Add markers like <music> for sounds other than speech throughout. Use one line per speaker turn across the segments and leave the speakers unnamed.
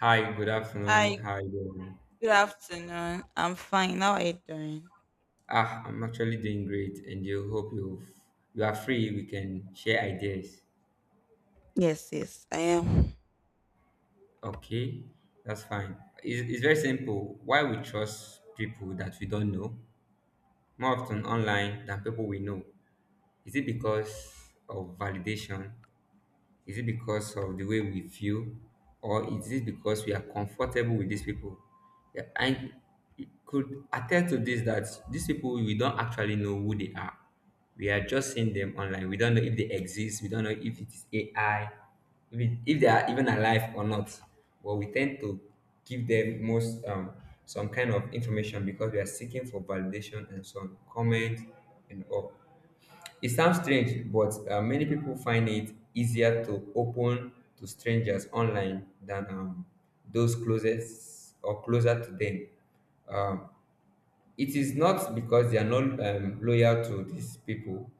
Hi, good afternoon.
Hi,
How are you doing?
good afternoon. I'm fine. How are you doing?
I'm actually doing great, and you hope you are free. We can share ideas.
Yes, yes, I am.
Okay, that's fine. It's very simple. Why we trust people that we don't know more often online than people we know? Is it because of validation? Is it because of the way we feel, or is it because we are comfortable with these people? Yeah, I could attest to this that these people we don't actually know who they are. We are just seeing them online. We don't know if they exist. We don't know if it is AI, if they are even alive or not. But we tend to give them most some kind of information because we are seeking for validation and some comment and all. It sounds strange, but many people find it easier to open to strangers online than those closest or closer to them. Um, it is not because they are not loyal to these people,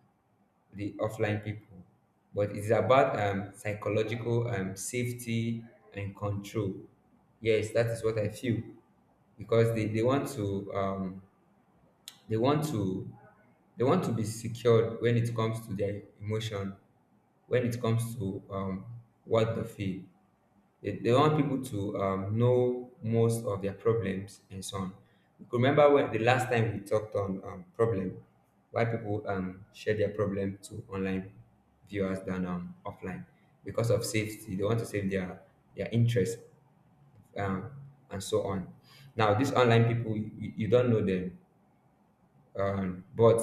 the offline people, but it's about psychological safety and control. Yes, that is what I feel because they want to they want to they want to be secured when it comes to their emotion when it comes to what they feel. They want people to know most of their problems and so on. You could remember when the last time we talked on problem, why people share their problem to online viewers than offline because of safety. They want to save their interest um, and so on. Now, these online people, you don't know them, but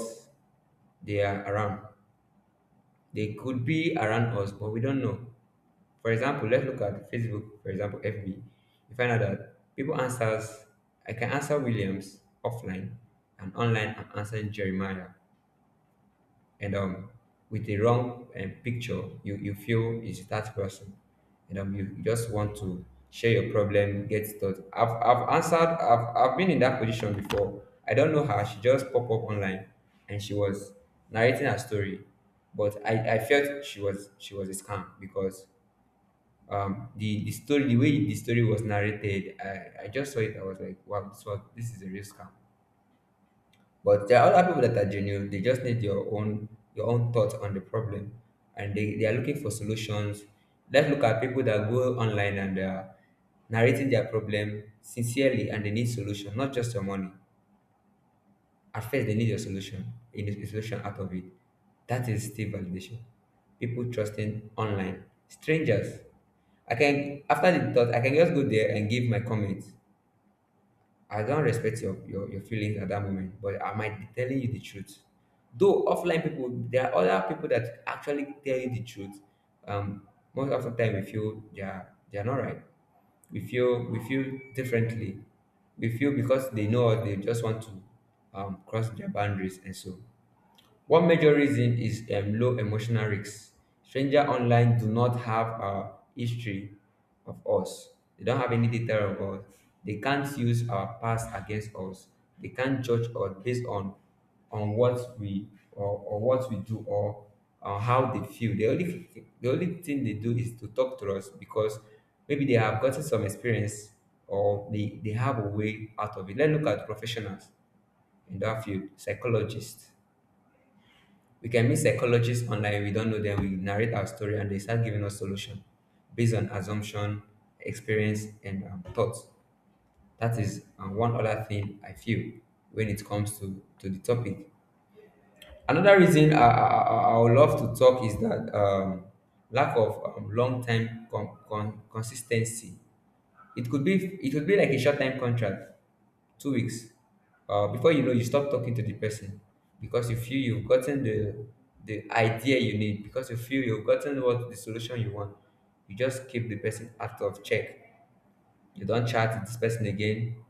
they are around. They could be around us, but we don't know. For example, let's look at Facebook, for example, FB. You find out that people answers, I can answer Williams offline and online I'm answering Jeremiah. And With the wrong picture, you feel it's that person. And You just want to share your problem, get thought. I've been in that position before. I don't know her. She just popped up online and she was narrating her story. But I felt she was a scam because the story, the way the story was narrated, I just saw it. I was like, wow, this is a real scam. But there are other people that are genuine. They just need your own, your own thoughts on the problem, and they are looking for solutions. Let's look at people that go online and they are narrating their problem sincerely and they need solution, not just your money. At first, they need a solution, you need a solution out of it. That is still validation. People trusting online strangers. I can after the thought, I can just go there and give my comments. I don't respect your feelings at that moment, but I might be telling you the truth. Though offline people, there are other people that actually tell you the truth. Um, Most of the time, we feel they are not right. We feel differently. We feel because they know us, they just want to cross their boundaries and so. One major reason is low emotional risks. Stranger online do not have a history of us. They don't have any data of us. They can't use our past against us. They can't judge us based on what we, or what we do, or on how they feel. The only thing they do is to talk to us because maybe they have gotten some experience or they have a way out of it. Let's look at professionals in that field, psychologists. We can meet psychologists online, we don't know them. We narrate our story and they start giving us solution based on assumption, experience, and thoughts. That is one other thing I feel when it comes to the topic. Another reason I would love to talk is that lack of consistency. It could be it could be like a short-time contract, 2 weeks. Before you know, you stop talking to the person because you feel you've gotten the idea you need. Because you feel you've gotten what the solution you want. You just keep the person out of check. You don't chat with this person again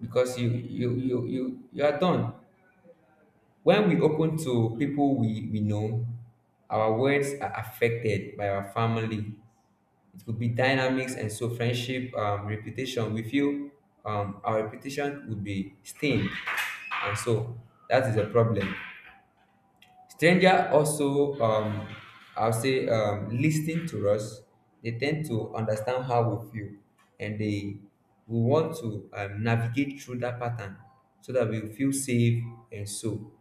because you are done. When we open to people we know, our words are affected by our family, it could be dynamics and so friendship, reputation. We feel our reputation would be stained, and so that is a problem. Stranger also, I'll say, listening to us, they tend to understand how we feel, and they we want to navigate through that pattern so that we feel safe, and so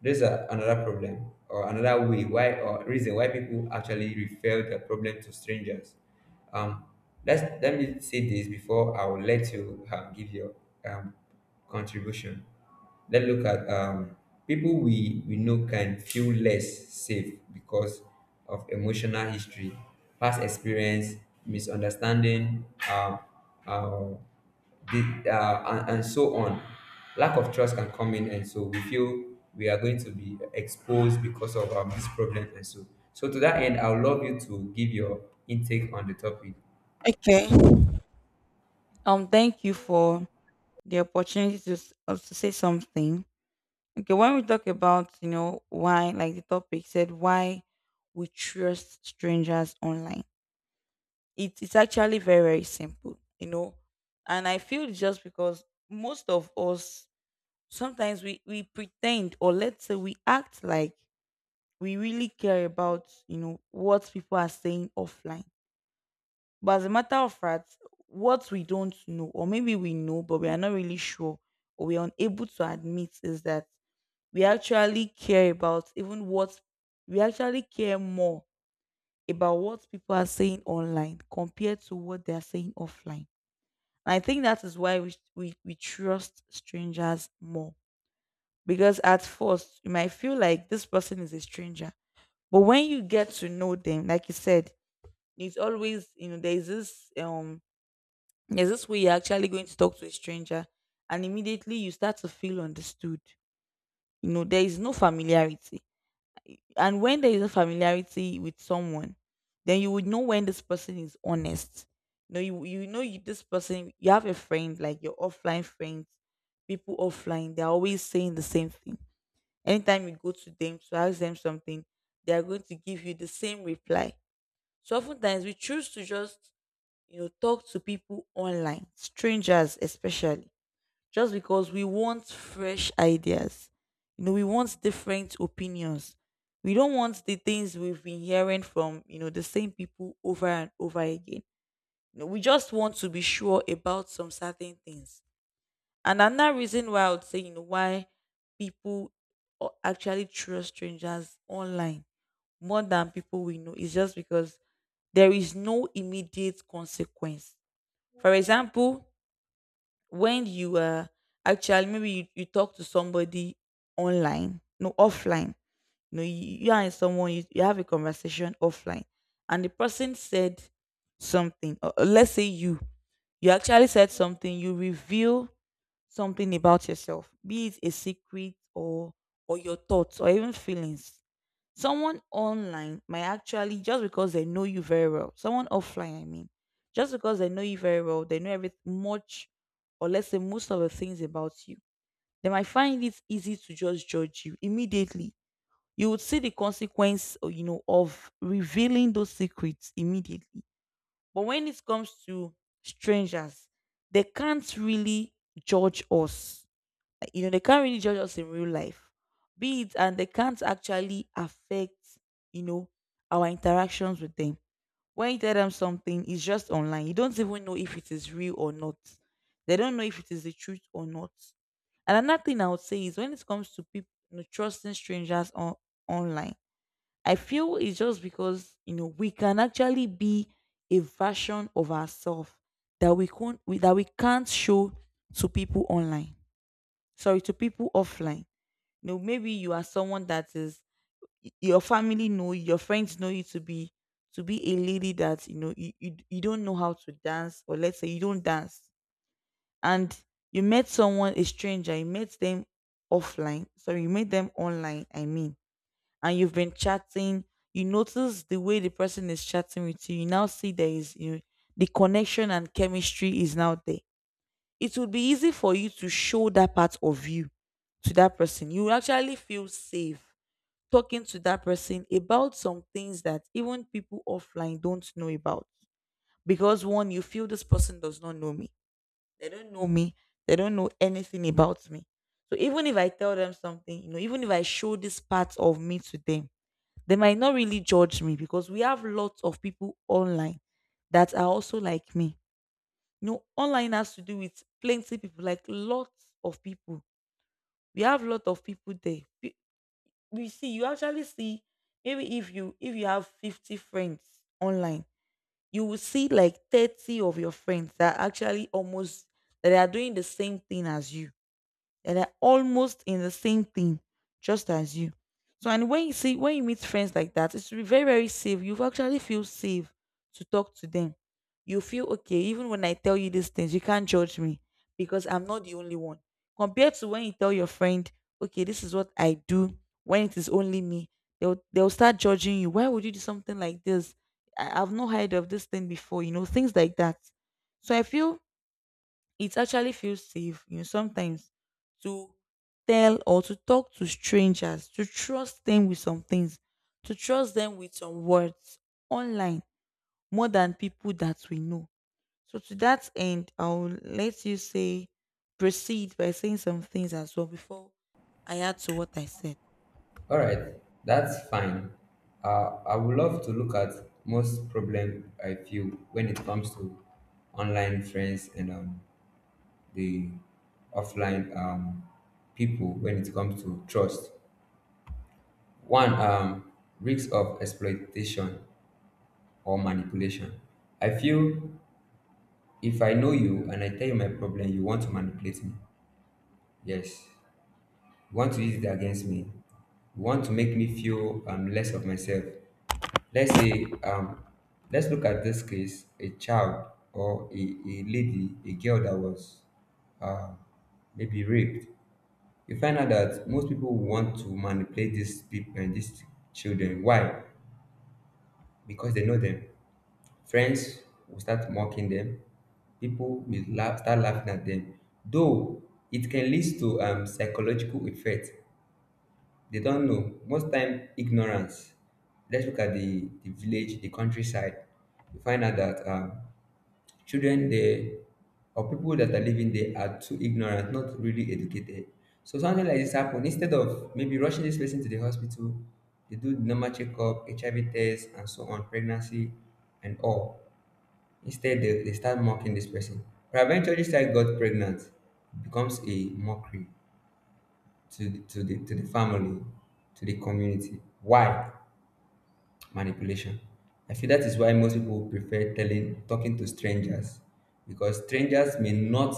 there's another problem or another way why, or reason why people actually refer their problem to strangers. Um, let's let me say this before I will let you give your um, contribution. Let's look at people we know can feel less safe because of emotional history, past experience, misunderstanding, uh, and so on. Lack of trust can come in, and so we feel we are going to be exposed because of this problem, and so. So to that end, I would love you to give your intake on the topic.
Okay. Thank you for the opportunity to to say something. Okay, when we talk about you know why, like the topic said, why we trust strangers online, it's actually very very simple, you know, and I feel it's just because most of us sometimes we pretend, or let's say we act like we really care about you know what people are saying offline, but as a matter of fact what we don't know, or maybe we know but we are not really sure or we're unable to admit, is that we actually care about even what we actually care more about what people are saying online compared to what they are saying offline. And I think that is why we trust strangers more. Because at first you might feel like this person is a stranger. But when you get to know them, like you said, it's always you know there's this way you're actually going to talk to a stranger, and immediately you start to feel understood. You know there is no familiarity, and when there is a familiarity with someone, then you would know when this person is honest. You know you this person, you have a friend like your offline friends. People offline, they're always saying the same thing. Anytime you go to them to ask them something, they are going to give you the same reply. So oftentimes we choose to just, you know, talk to people online, strangers especially, just because we want fresh ideas. You know, we want different opinions. We don't want the things we've been hearing from, you know, the same people over and over again. You know, we just want to be sure about some certain things. And another reason why I would say, you know, why people actually trust strangers online more than people we know is just because there is no immediate consequence. For example, when you actually, maybe you talk to somebody online, no offline, no you are in someone you have a conversation offline, and the person said something. Or let's say you actually said something. You reveal something about yourself, be it a secret or your thoughts or even feelings. Someone online might actually, just because they know you very well, someone offline, I mean, just because they know you very well, they know every much, or let's say most of the things about you, they might find it easy to just judge you immediately. You would see the consequence, or, you know, of revealing those secrets immediately. But when it comes to strangers, they can't really judge us, you know they can't really judge us in real life, be it, and they can't actually affect, you know, our interactions with them. When you tell them something, it's just online, you don't even know if it is real or not, they don't know if it is the truth or not. And another thing I would say is when it comes to people you know trusting strangers on online, I feel it's just because you know we can actually be a version of ourselves that we can't we, that we can't show to people online, sorry to people offline. You know maybe you are someone that is your family know you, your friends know you to be a lady that you know you don't know how to dance, or let's say you don't dance. And you met someone, a stranger, you met them offline, sorry you met them online, I mean, and you've been chatting. You notice the way the person is chatting with you, you now see there is, you know, the connection and chemistry is now there. It would be easy for you to show that part of you to that person. You will actually feel safe talking to that person about some things that even people offline don't know about. Because one, you feel this person does not know me. They don't know me. They don't know anything about me. So even if I tell them something, you know, even if I show this part of me to them, they might not really judge me, because we have lots of people online that are also like me. You know, online has to do with plenty people, like lots of people. We have lot of people there. We see, you actually see, maybe if you have 50 friends online, you will see like 30 of your friends that are actually almost, that they are doing the same thing as you, and they're almost in the same thing, just as you. So, and when you see, when you meet friends like that, it should be very very safe. You actually feel safe to talk to them. You feel okay, even when I tell you these things, you can't judge me because I'm not the only one. Compared to when you tell your friend, okay, this is what I do, when it is only me, they'll start judging you. Why would you do something like this? I've not heard of this thing before, you know, things like that. So I feel it actually feels safe, you know, sometimes to tell or to talk to strangers, to trust them with some things, to trust them with some words online more than people that we know. So to that end, I'll let you say, proceed by saying some things as well before I add to what I said.
All right, that's fine. I would love to look at most problem I feel when it comes to online friends and the offline people when it comes to trust. One, risks of exploitation or manipulation. I feel if I know you and I tell you my problem, you want to manipulate me. Yes. You want to use it against me. You want to make me feel less of myself. Let's say, let's look at this case, a child or a lady, a girl that was uh, maybe raped. You find out that most people want to manipulate these people and these children. Why? Because they know them. Friends will start mocking them. People will laugh, start laughing at them. Though it can lead to psychological effect. They don't know. Most time, ignorance. Let's look at the village, the countryside. You find out that children there or people that are living there are too ignorant, not really educated. So something like this happen. Instead of maybe rushing this person to the hospital, they do normal checkup, HIV test, and so on, pregnancy, and all. Instead, they start mocking this person. But eventually, this child got pregnant. It becomes a mockery to the, to the to the family, to the community. Why? Manipulation. I feel that is why most people prefer telling talking to strangers because strangers may not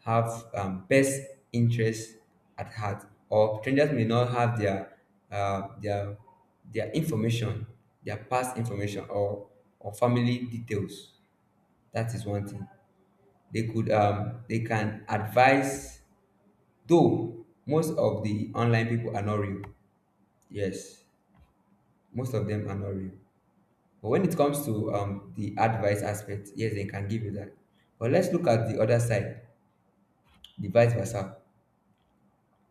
have best interests at heart, or strangers may not have their uh, their their information, their past information, or family details. That is one thing they could they can advise. Though most of the online people are not real. Yes, most of them are not real. But when it comes to the advice aspect, yes, they can give you that. But let's look at the other side, the vice versa.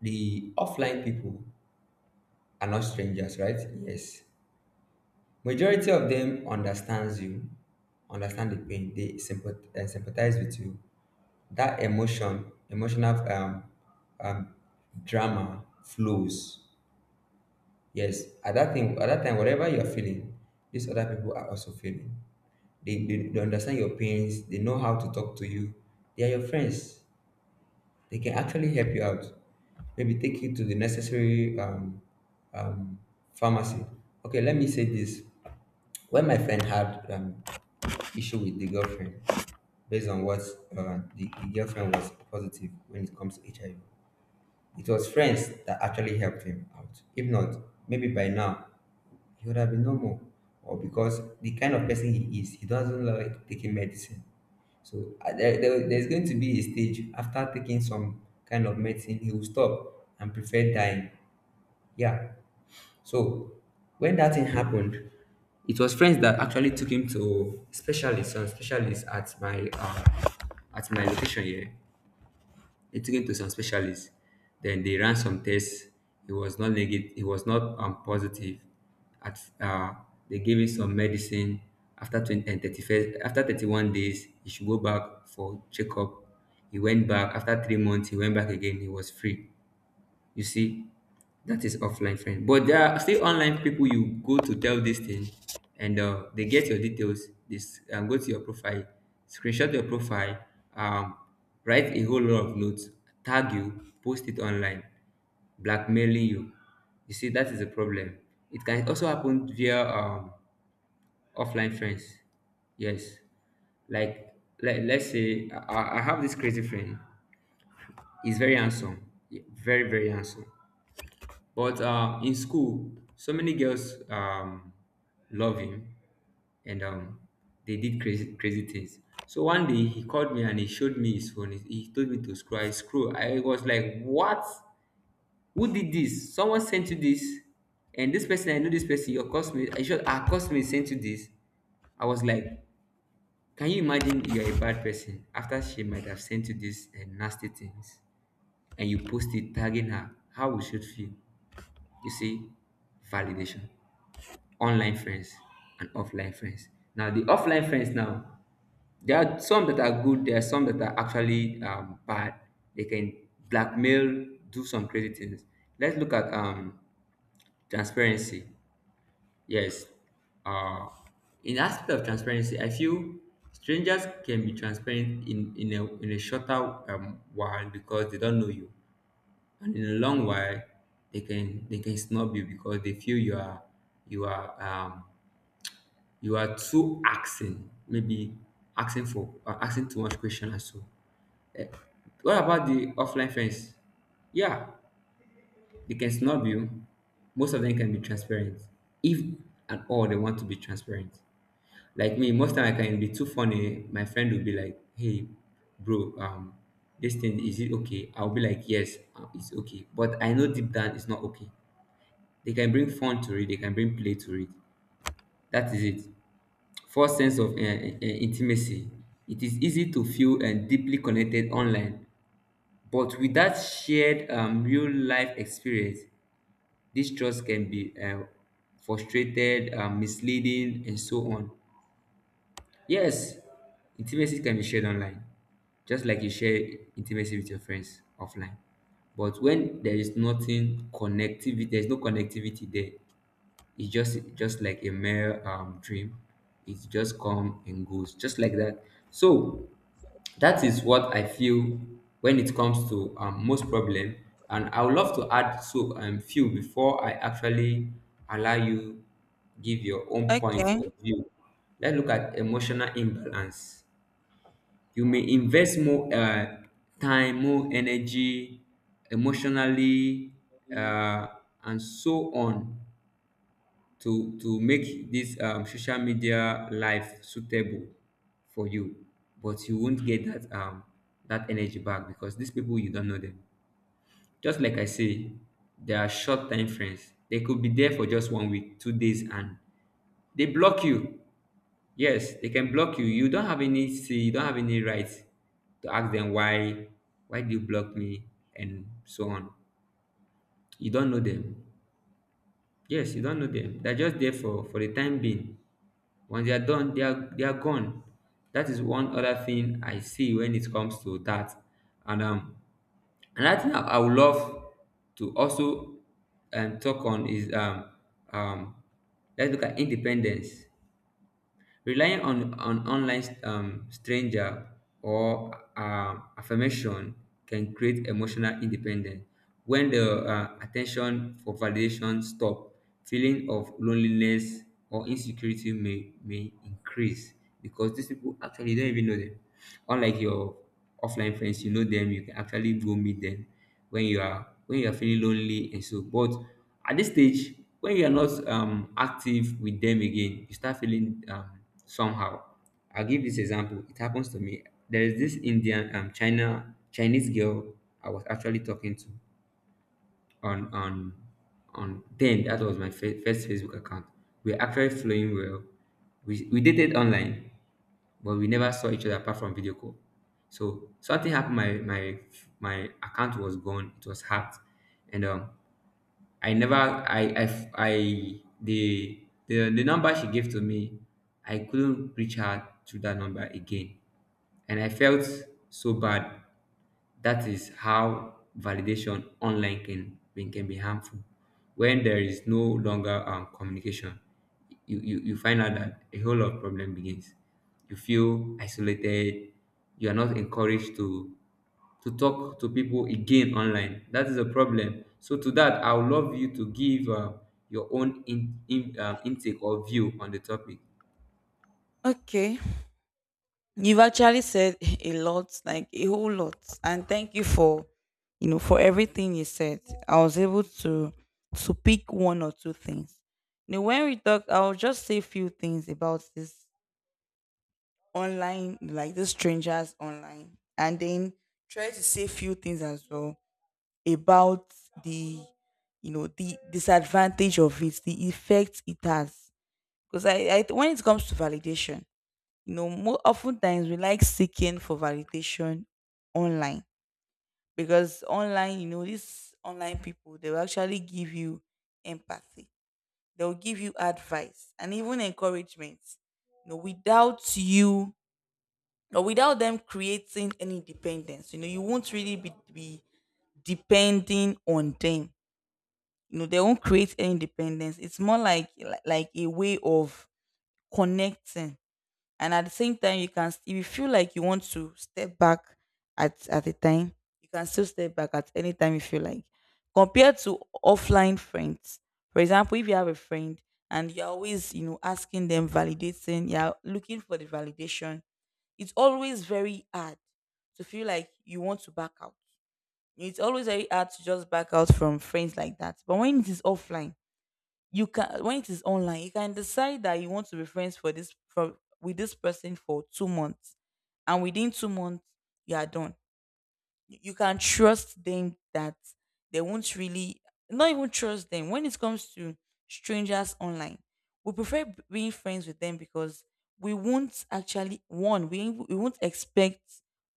The offline people are not strangers, right? Yes, majority of them understands you, understand the pain. They sympathize with you. That emotion, emotional um drama flows. Yes, at that thing, at that time, whatever you are feeling, these other people are also feeling. They understand your pains. They know how to talk to you. They are your friends. They can actually help you out. Maybe take you to the necessary um, pharmacy. Okay, let me say this. When my friend had issue with the girlfriend, based on what the girlfriend was positive when it comes to HIV, it was friends that actually helped him out. If not, maybe by now he would have been normal. Or because the kind of person he is, he doesn't like taking medicine. So there's going to be a stage after taking some kind of medicine, he will stop and prefer dying. Yeah. So when that thing happened, it was friends that actually took him to specialists and specialists at my location here. They took him to some specialists. Then they ran some tests. He was not negative. He was not positive. At They gave him some medicine. After 20, and 31st, after 31 days, he should go back for checkup. He went back after 3 months. He went back again. He was free. You see, that is offline friend. But there are still online people you go to tell this thing, and they get your details. This and go to your profile, screenshot your profile, um, write a whole lot of notes, tag you, post it online, blackmailing you. You see, that is a problem. It can also happen via offline friends. Yes, like like let's say I have this crazy friend. He's very handsome, yeah, very handsome but in school, so many girls love him, and they did crazy things. So one day he called me and he showed me his phone. He told me to scroll. I scroll. I was like, "What? Who did this? Someone sent you this?" And this person, I know this person. Your cosmate, I should, our cosmate sent you this. I was like, "Can you imagine? You're a bad person. After she might have sent you these and nasty things, and you post it tagging her. How we should feel?" You see, validation, online friends and offline friends. Now, the offline friends now, there are some that are good, there are some that are actually bad. They can blackmail, do some crazy things. Let's look at transparency. Yes. uh in aspect of transparency, I feel strangers can be transparent in a, in a shorter while because they don't know you, and in a long while they can snub you because they feel you are, you are you are too asking, maybe asking for asking too much question and so. Eh, what about the offline friends? Yeah, they can snub you. Most of them can be transparent if and all they want to be transparent. Like me, most time I can be too funny. My friend will be like, hey bro, this thing is it okay? I'll be like yes, it's okay, but I know deep down it's not okay. They can bring fun to it. They can bring play to it. That is it. First sense of intimacy. It is easy to feel and deeply connected online, but without shared real life experience, this trust can be frustrated, misleading, and so on. Yes, intimacy can be shared online, just like you share intimacy with your friends offline. But when there is nothing connectivity, there is no connectivity there. It's just like a mere dream. It just come and goes, just like that. So that is what I feel when it comes to most problem, and I would love to add so few before I actually allow you give your own point
Okay.
of view. Let's look at emotional imbalance. You may invest more time, more energy, emotionally, uh, and so on to make this social media life suitable for you, but you won't get that that energy back because these people, you don't know them. Just like I say, they are short time friends. They could be there for just one week two days, and they block you. Yes, they can block you. You don't have any say, you don't have any rights to ask them why. Why do you block me, and so on? You don't know them. Yes, you don't know them. They're just there for the time being. Once they are done, they are gone. That is one other thing I see when it comes to that. And another thing I would love to also talk on is um let's look at independence. Relying on an online stranger or affirmation can create emotional independence. When the attention for validation stop, feeling of loneliness or insecurity may increase because these people actually don't even know them. Unlike your offline friends, you know them, you can actually go meet them when you are feeling lonely and so. But at this stage, when you are not active with them again, you start feeling somehow. I'll give this example. It happens to me. There is this Indian China Chinese girl I was actually talking to on on on then that was my first Facebook account. We were actually flowing well. We dated online, but we never saw each other apart from video call. So something happened. My account was gone. It was hacked, and I never I I the the number she gave to me, I couldn't reach her through that number again, and I felt so bad. That is how validation online can be harmful. When there is no longer communication, you find out that a whole lot of problem begins. You feel isolated. You are not encouraged to talk to people again online. That is a problem. So to that, I would love you to give your own intake or view on the topic.
Okay. You've actually said <laughs> a lot, like a whole lot. And thank you for, you know, for everything you said. I was able to pick one or two things. Now, when we talk, I'll just say a few things about this online, like the strangers online, and then try to say a few things as well about the, you know, the disadvantage of it, the effect it has. When it comes to validation, you know more often times we like seeking for validation online, because online you know these online people they will actually give you empathy, they will give you advice and even encouragement, you know, without you or without them creating any dependence. You know you won't really be depending on them. You know they won't create any dependence. It's more like like a way of connecting, and at the same time you can, if you feel like you want to step back at a time, you can still step back at any time you feel like. Compared to offline friends, for example, if you have a friend and you're always you know asking them, validating, you're looking for the validation, it's always very hard to feel like you want to back out. It's always very hard to just back out from friends like that. But when it is offline you can, when it is online you can decide that you want to be friends for this, for with this person for 2 months, and within 2 months you are done. You can trust them that they won't really, not even trust them. When it comes to strangers online, we prefer being friends with them because we won't actually one we won't expect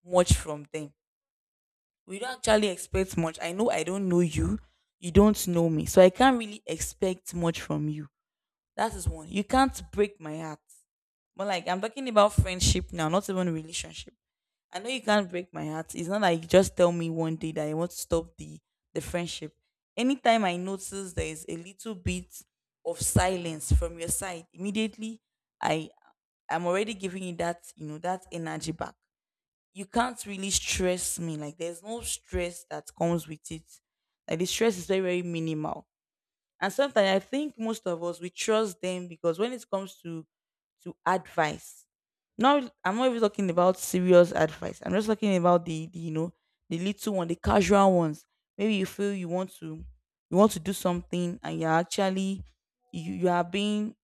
much from them. We don't actually expect much. I know I don't know you, you don't know me, so I can't really expect much from you. That is one. You can't break my heart. But like I'm talking about friendship now, not even relationship. I know you can't break my heart. It's not like you just tell me one day that you want to stop the friendship. Anytime I notice there is a little bit of silence from your side, immediately I I'm already giving you that, you know, that energy back. You can't really stress me. Like there's no stress that comes with it. Like the stress is very, very minimal. And sometimes I think most of us we trust them because when it comes to advice, not, I'm not even talking about serious advice. I'm just talking about the you know the little one, the casual ones. Maybe you feel you want to do something and you're actually you, you are being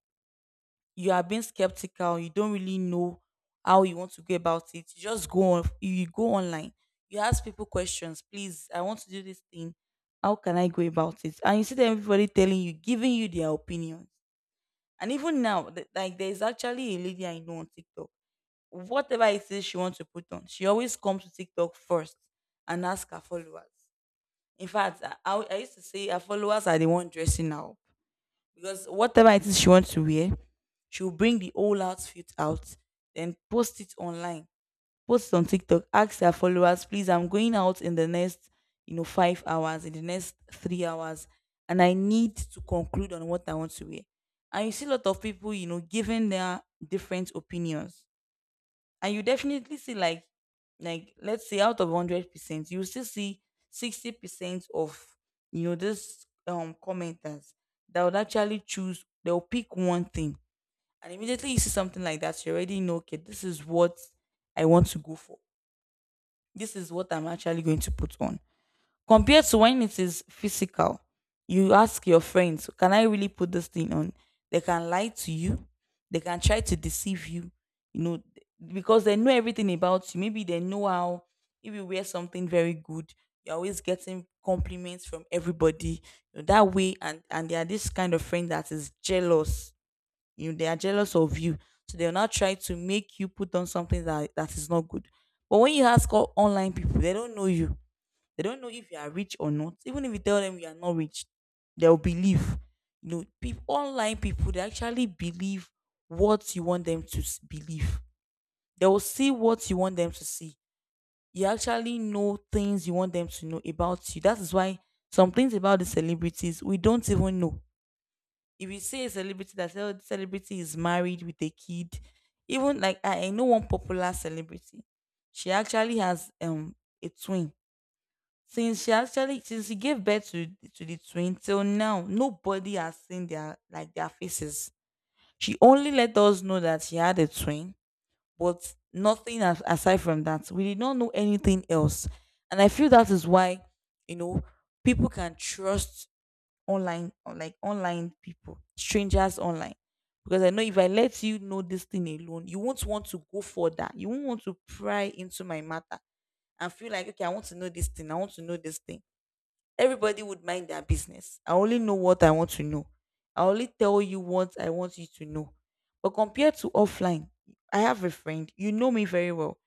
you are being skeptical. You don't really know how you want to go about it. You just go on you go online, you ask people questions. Please, I want to do this thing, how can I go about it? And you see them, everybody telling you, giving you their opinions. And even now, like there's actually a lady I know on TikTok. Whatever it is she wants to put on, she always comes to TikTok first and ask her followers. In fact, I used to say her followers are the one dressing now, because whatever it is she wants to wear, she'll bring the whole outfit out, then post it online, post it on TikTok, ask her followers, please, I'm going out in the next, you know, 5 hours, in the next 3 hours, and I need to conclude on what I want to wear. And you see a lot of people, you know, giving their different opinions. And you definitely see like let's say out of 100% you still see 60% of, you know this commenters that would actually choose, they'll pick one thing. And immediately you see something like that, you already know, okay, this is what I want to go for, this is what I'm actually going to put on. Compared to when it is physical, you ask your friends, can I really put this thing on? They can lie to you, they can try to deceive you, you know, because they know everything about you. Maybe they know how, if you wear something very good, you're always getting compliments from everybody, you know, that way. And they are this kind of friend that is jealous, you know, they are jealous of you, so they'll not try to make you put on something that is not good. But when you ask all online people, they don't know you. They don't know if you are rich or not. Even if you tell them you are not rich, they'll believe. You know, people online, people, they actually believe what you want them to believe. They will see what you want them to see. You actually know things you want them to know about you. That is why some things about the celebrities we don't even know. If you say a celebrity that say, "Oh, this celebrity is married with a kid," even like I know one popular celebrity, she actually has a twin. Since she gave birth to the twin till now, nobody has seen their, like, their faces. She only let us know that she had a twin, but nothing as, aside from that, we did not know anything else. And I feel that is why, you know, people can trust online, or like, online people, strangers online. Because I know if I let you know this thing alone, you won't want to go for that. You won't want to pry into my matter and feel like, okay, I want to know this thing, I want to know this thing. Everybody would mind their business. I only know what I want to know. I only tell you what I want you to know. But compared to offline, I have a friend, you know me very well.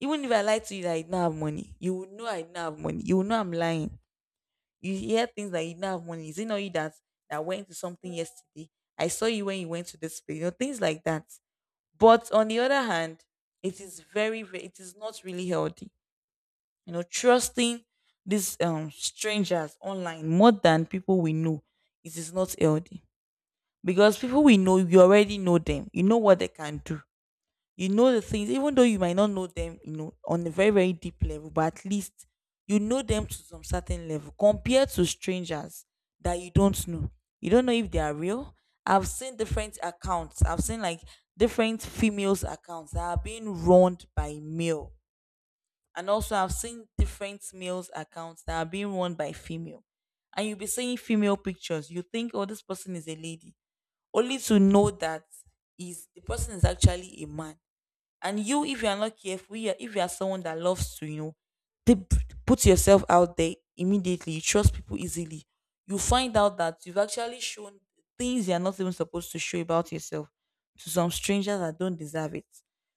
Even if I lie to you that I don't have money, you would know I don't have money. You will know I'm lying. You hear things that you don't have money. Is it not you that went to something yesterday? I saw you when you went to this place. You know things like that. But on the other hand, it is very, very it is not really healthy, you know, trusting these strangers online more than people we know. It is not healthy, because people we know, you already know them, you know what they can do, you know the things. Even though you might not know them, you know, on a very, very deep level, but at least you know them to some certain level, compared to strangers that you don't know. You don't know if they are real. I've seen different accounts, I've seen like different females accounts that are being run by male. And also, I've seen different males accounts that are being run by female. And you'll be seeing female pictures, you think, oh, this person is a lady. Only to know that is the person is actually a man. And you, if you are not careful, if you are someone that loves to, you know, they p- put yourself out there immediately, you trust people easily, you find out that you've actually shown things you're not even supposed to show about yourself to some strangers that don't deserve it.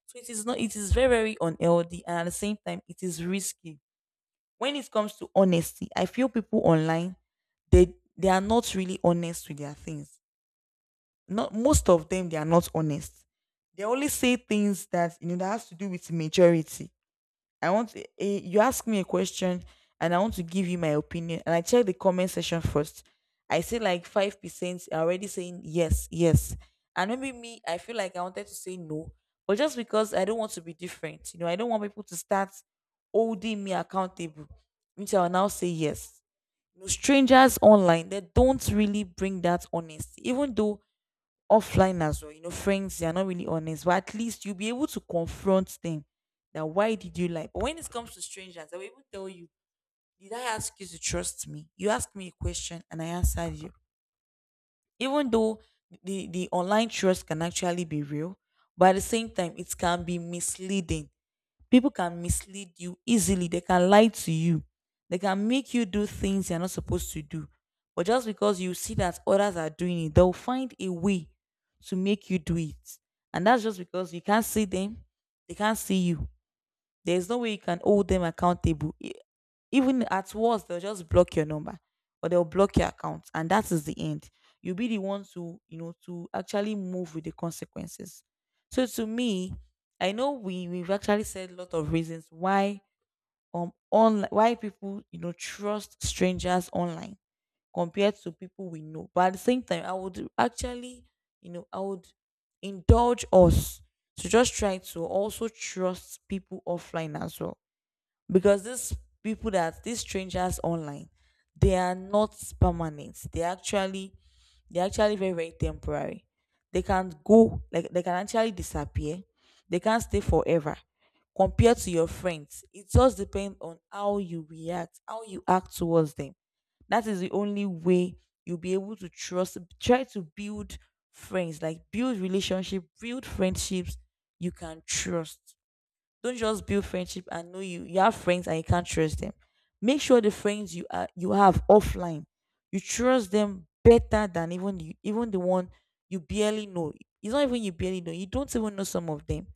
So it is not, it is very, very unhealthy. And at the same time, it is risky. When it comes to honesty, I feel people online, they are not really honest with their things. Not most of them, they are not honest. They only say things that, you know, that has to do with majority. I want you ask me a question and I want to give you my opinion, and I check the comment section first. I say like 5% are already saying yes, yes, and maybe me, I feel like I wanted to say no, but just because I don't want to be different, you know, I don't want people to start holding me accountable, which I will now say yes. You know, strangers online, they don't really bring that honesty, even though offline as well. You know, friends, they are not really honest, but at least you'll be able to confront them that why did you lie? But when it comes to strangers, they will even tell you, did I ask you to trust me? You asked me a question and I answered you. Even though the online trust can actually be real, but at the same time, it can be misleading. People can mislead you easily. They can lie to you. They can make you do things you're not supposed to do, but just because you see that others are doing it, they'll find a way to make you do it. And that's just because you can't see them, they can't see you. There's no way you can hold them accountable. Even at worst, they'll just block your number or they'll block your account, and that is the end. You'll be the one to, you know, to actually move with the consequences. So to me, I know we've actually said a lot of reasons why, on why people, you know, trust strangers online compared to people we know. But at the same time, I would actually, you know, I would indulge us to just try to also trust people offline as well, because these people, that these strangers online, they are not permanent. They actually, they're actually very, very temporary. They can go, like, they can actually disappear, they can't stay forever. Compared to your friends, it just depends on how you react, how you act towards them. That is the only way you'll be able to trust try to build friends, like, build relationship, build friendships you can trust. Don't just build friendship and know you. You have friends and you can't trust them. Make sure the friends you are, you have offline, you trust them better than even you, even the one you barely know. It's not even you barely know, you don't even know some of them.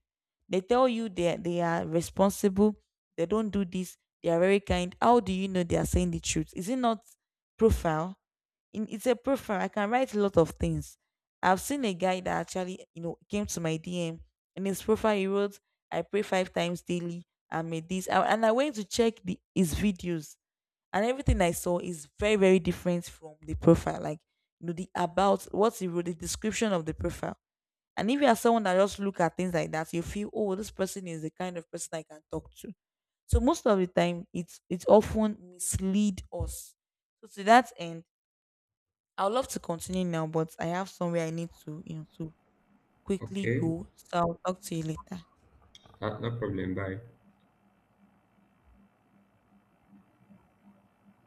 They tell you they are responsible, they don't do this, they are very kind. How do you know they are saying the truth? Is it not profile? It's a profile, I can write a lot of things. I've seen a guy that actually, you know, came to my DM. In his profile, he wrote, "I pray five times daily, I made this," and I went to check the his videos, and everything I saw is very, very different from the profile. Like, you know, the about what he wrote, the description of the profile. And if you are someone that just look at things like that, you feel, oh, this person is the kind of person I can talk to. So most of the time, it's often mislead us. So to that end, I would love to continue now, but I have somewhere I need to, you know, to quickly
Okay.
go, so I'll talk to you later.
No problem. Bye.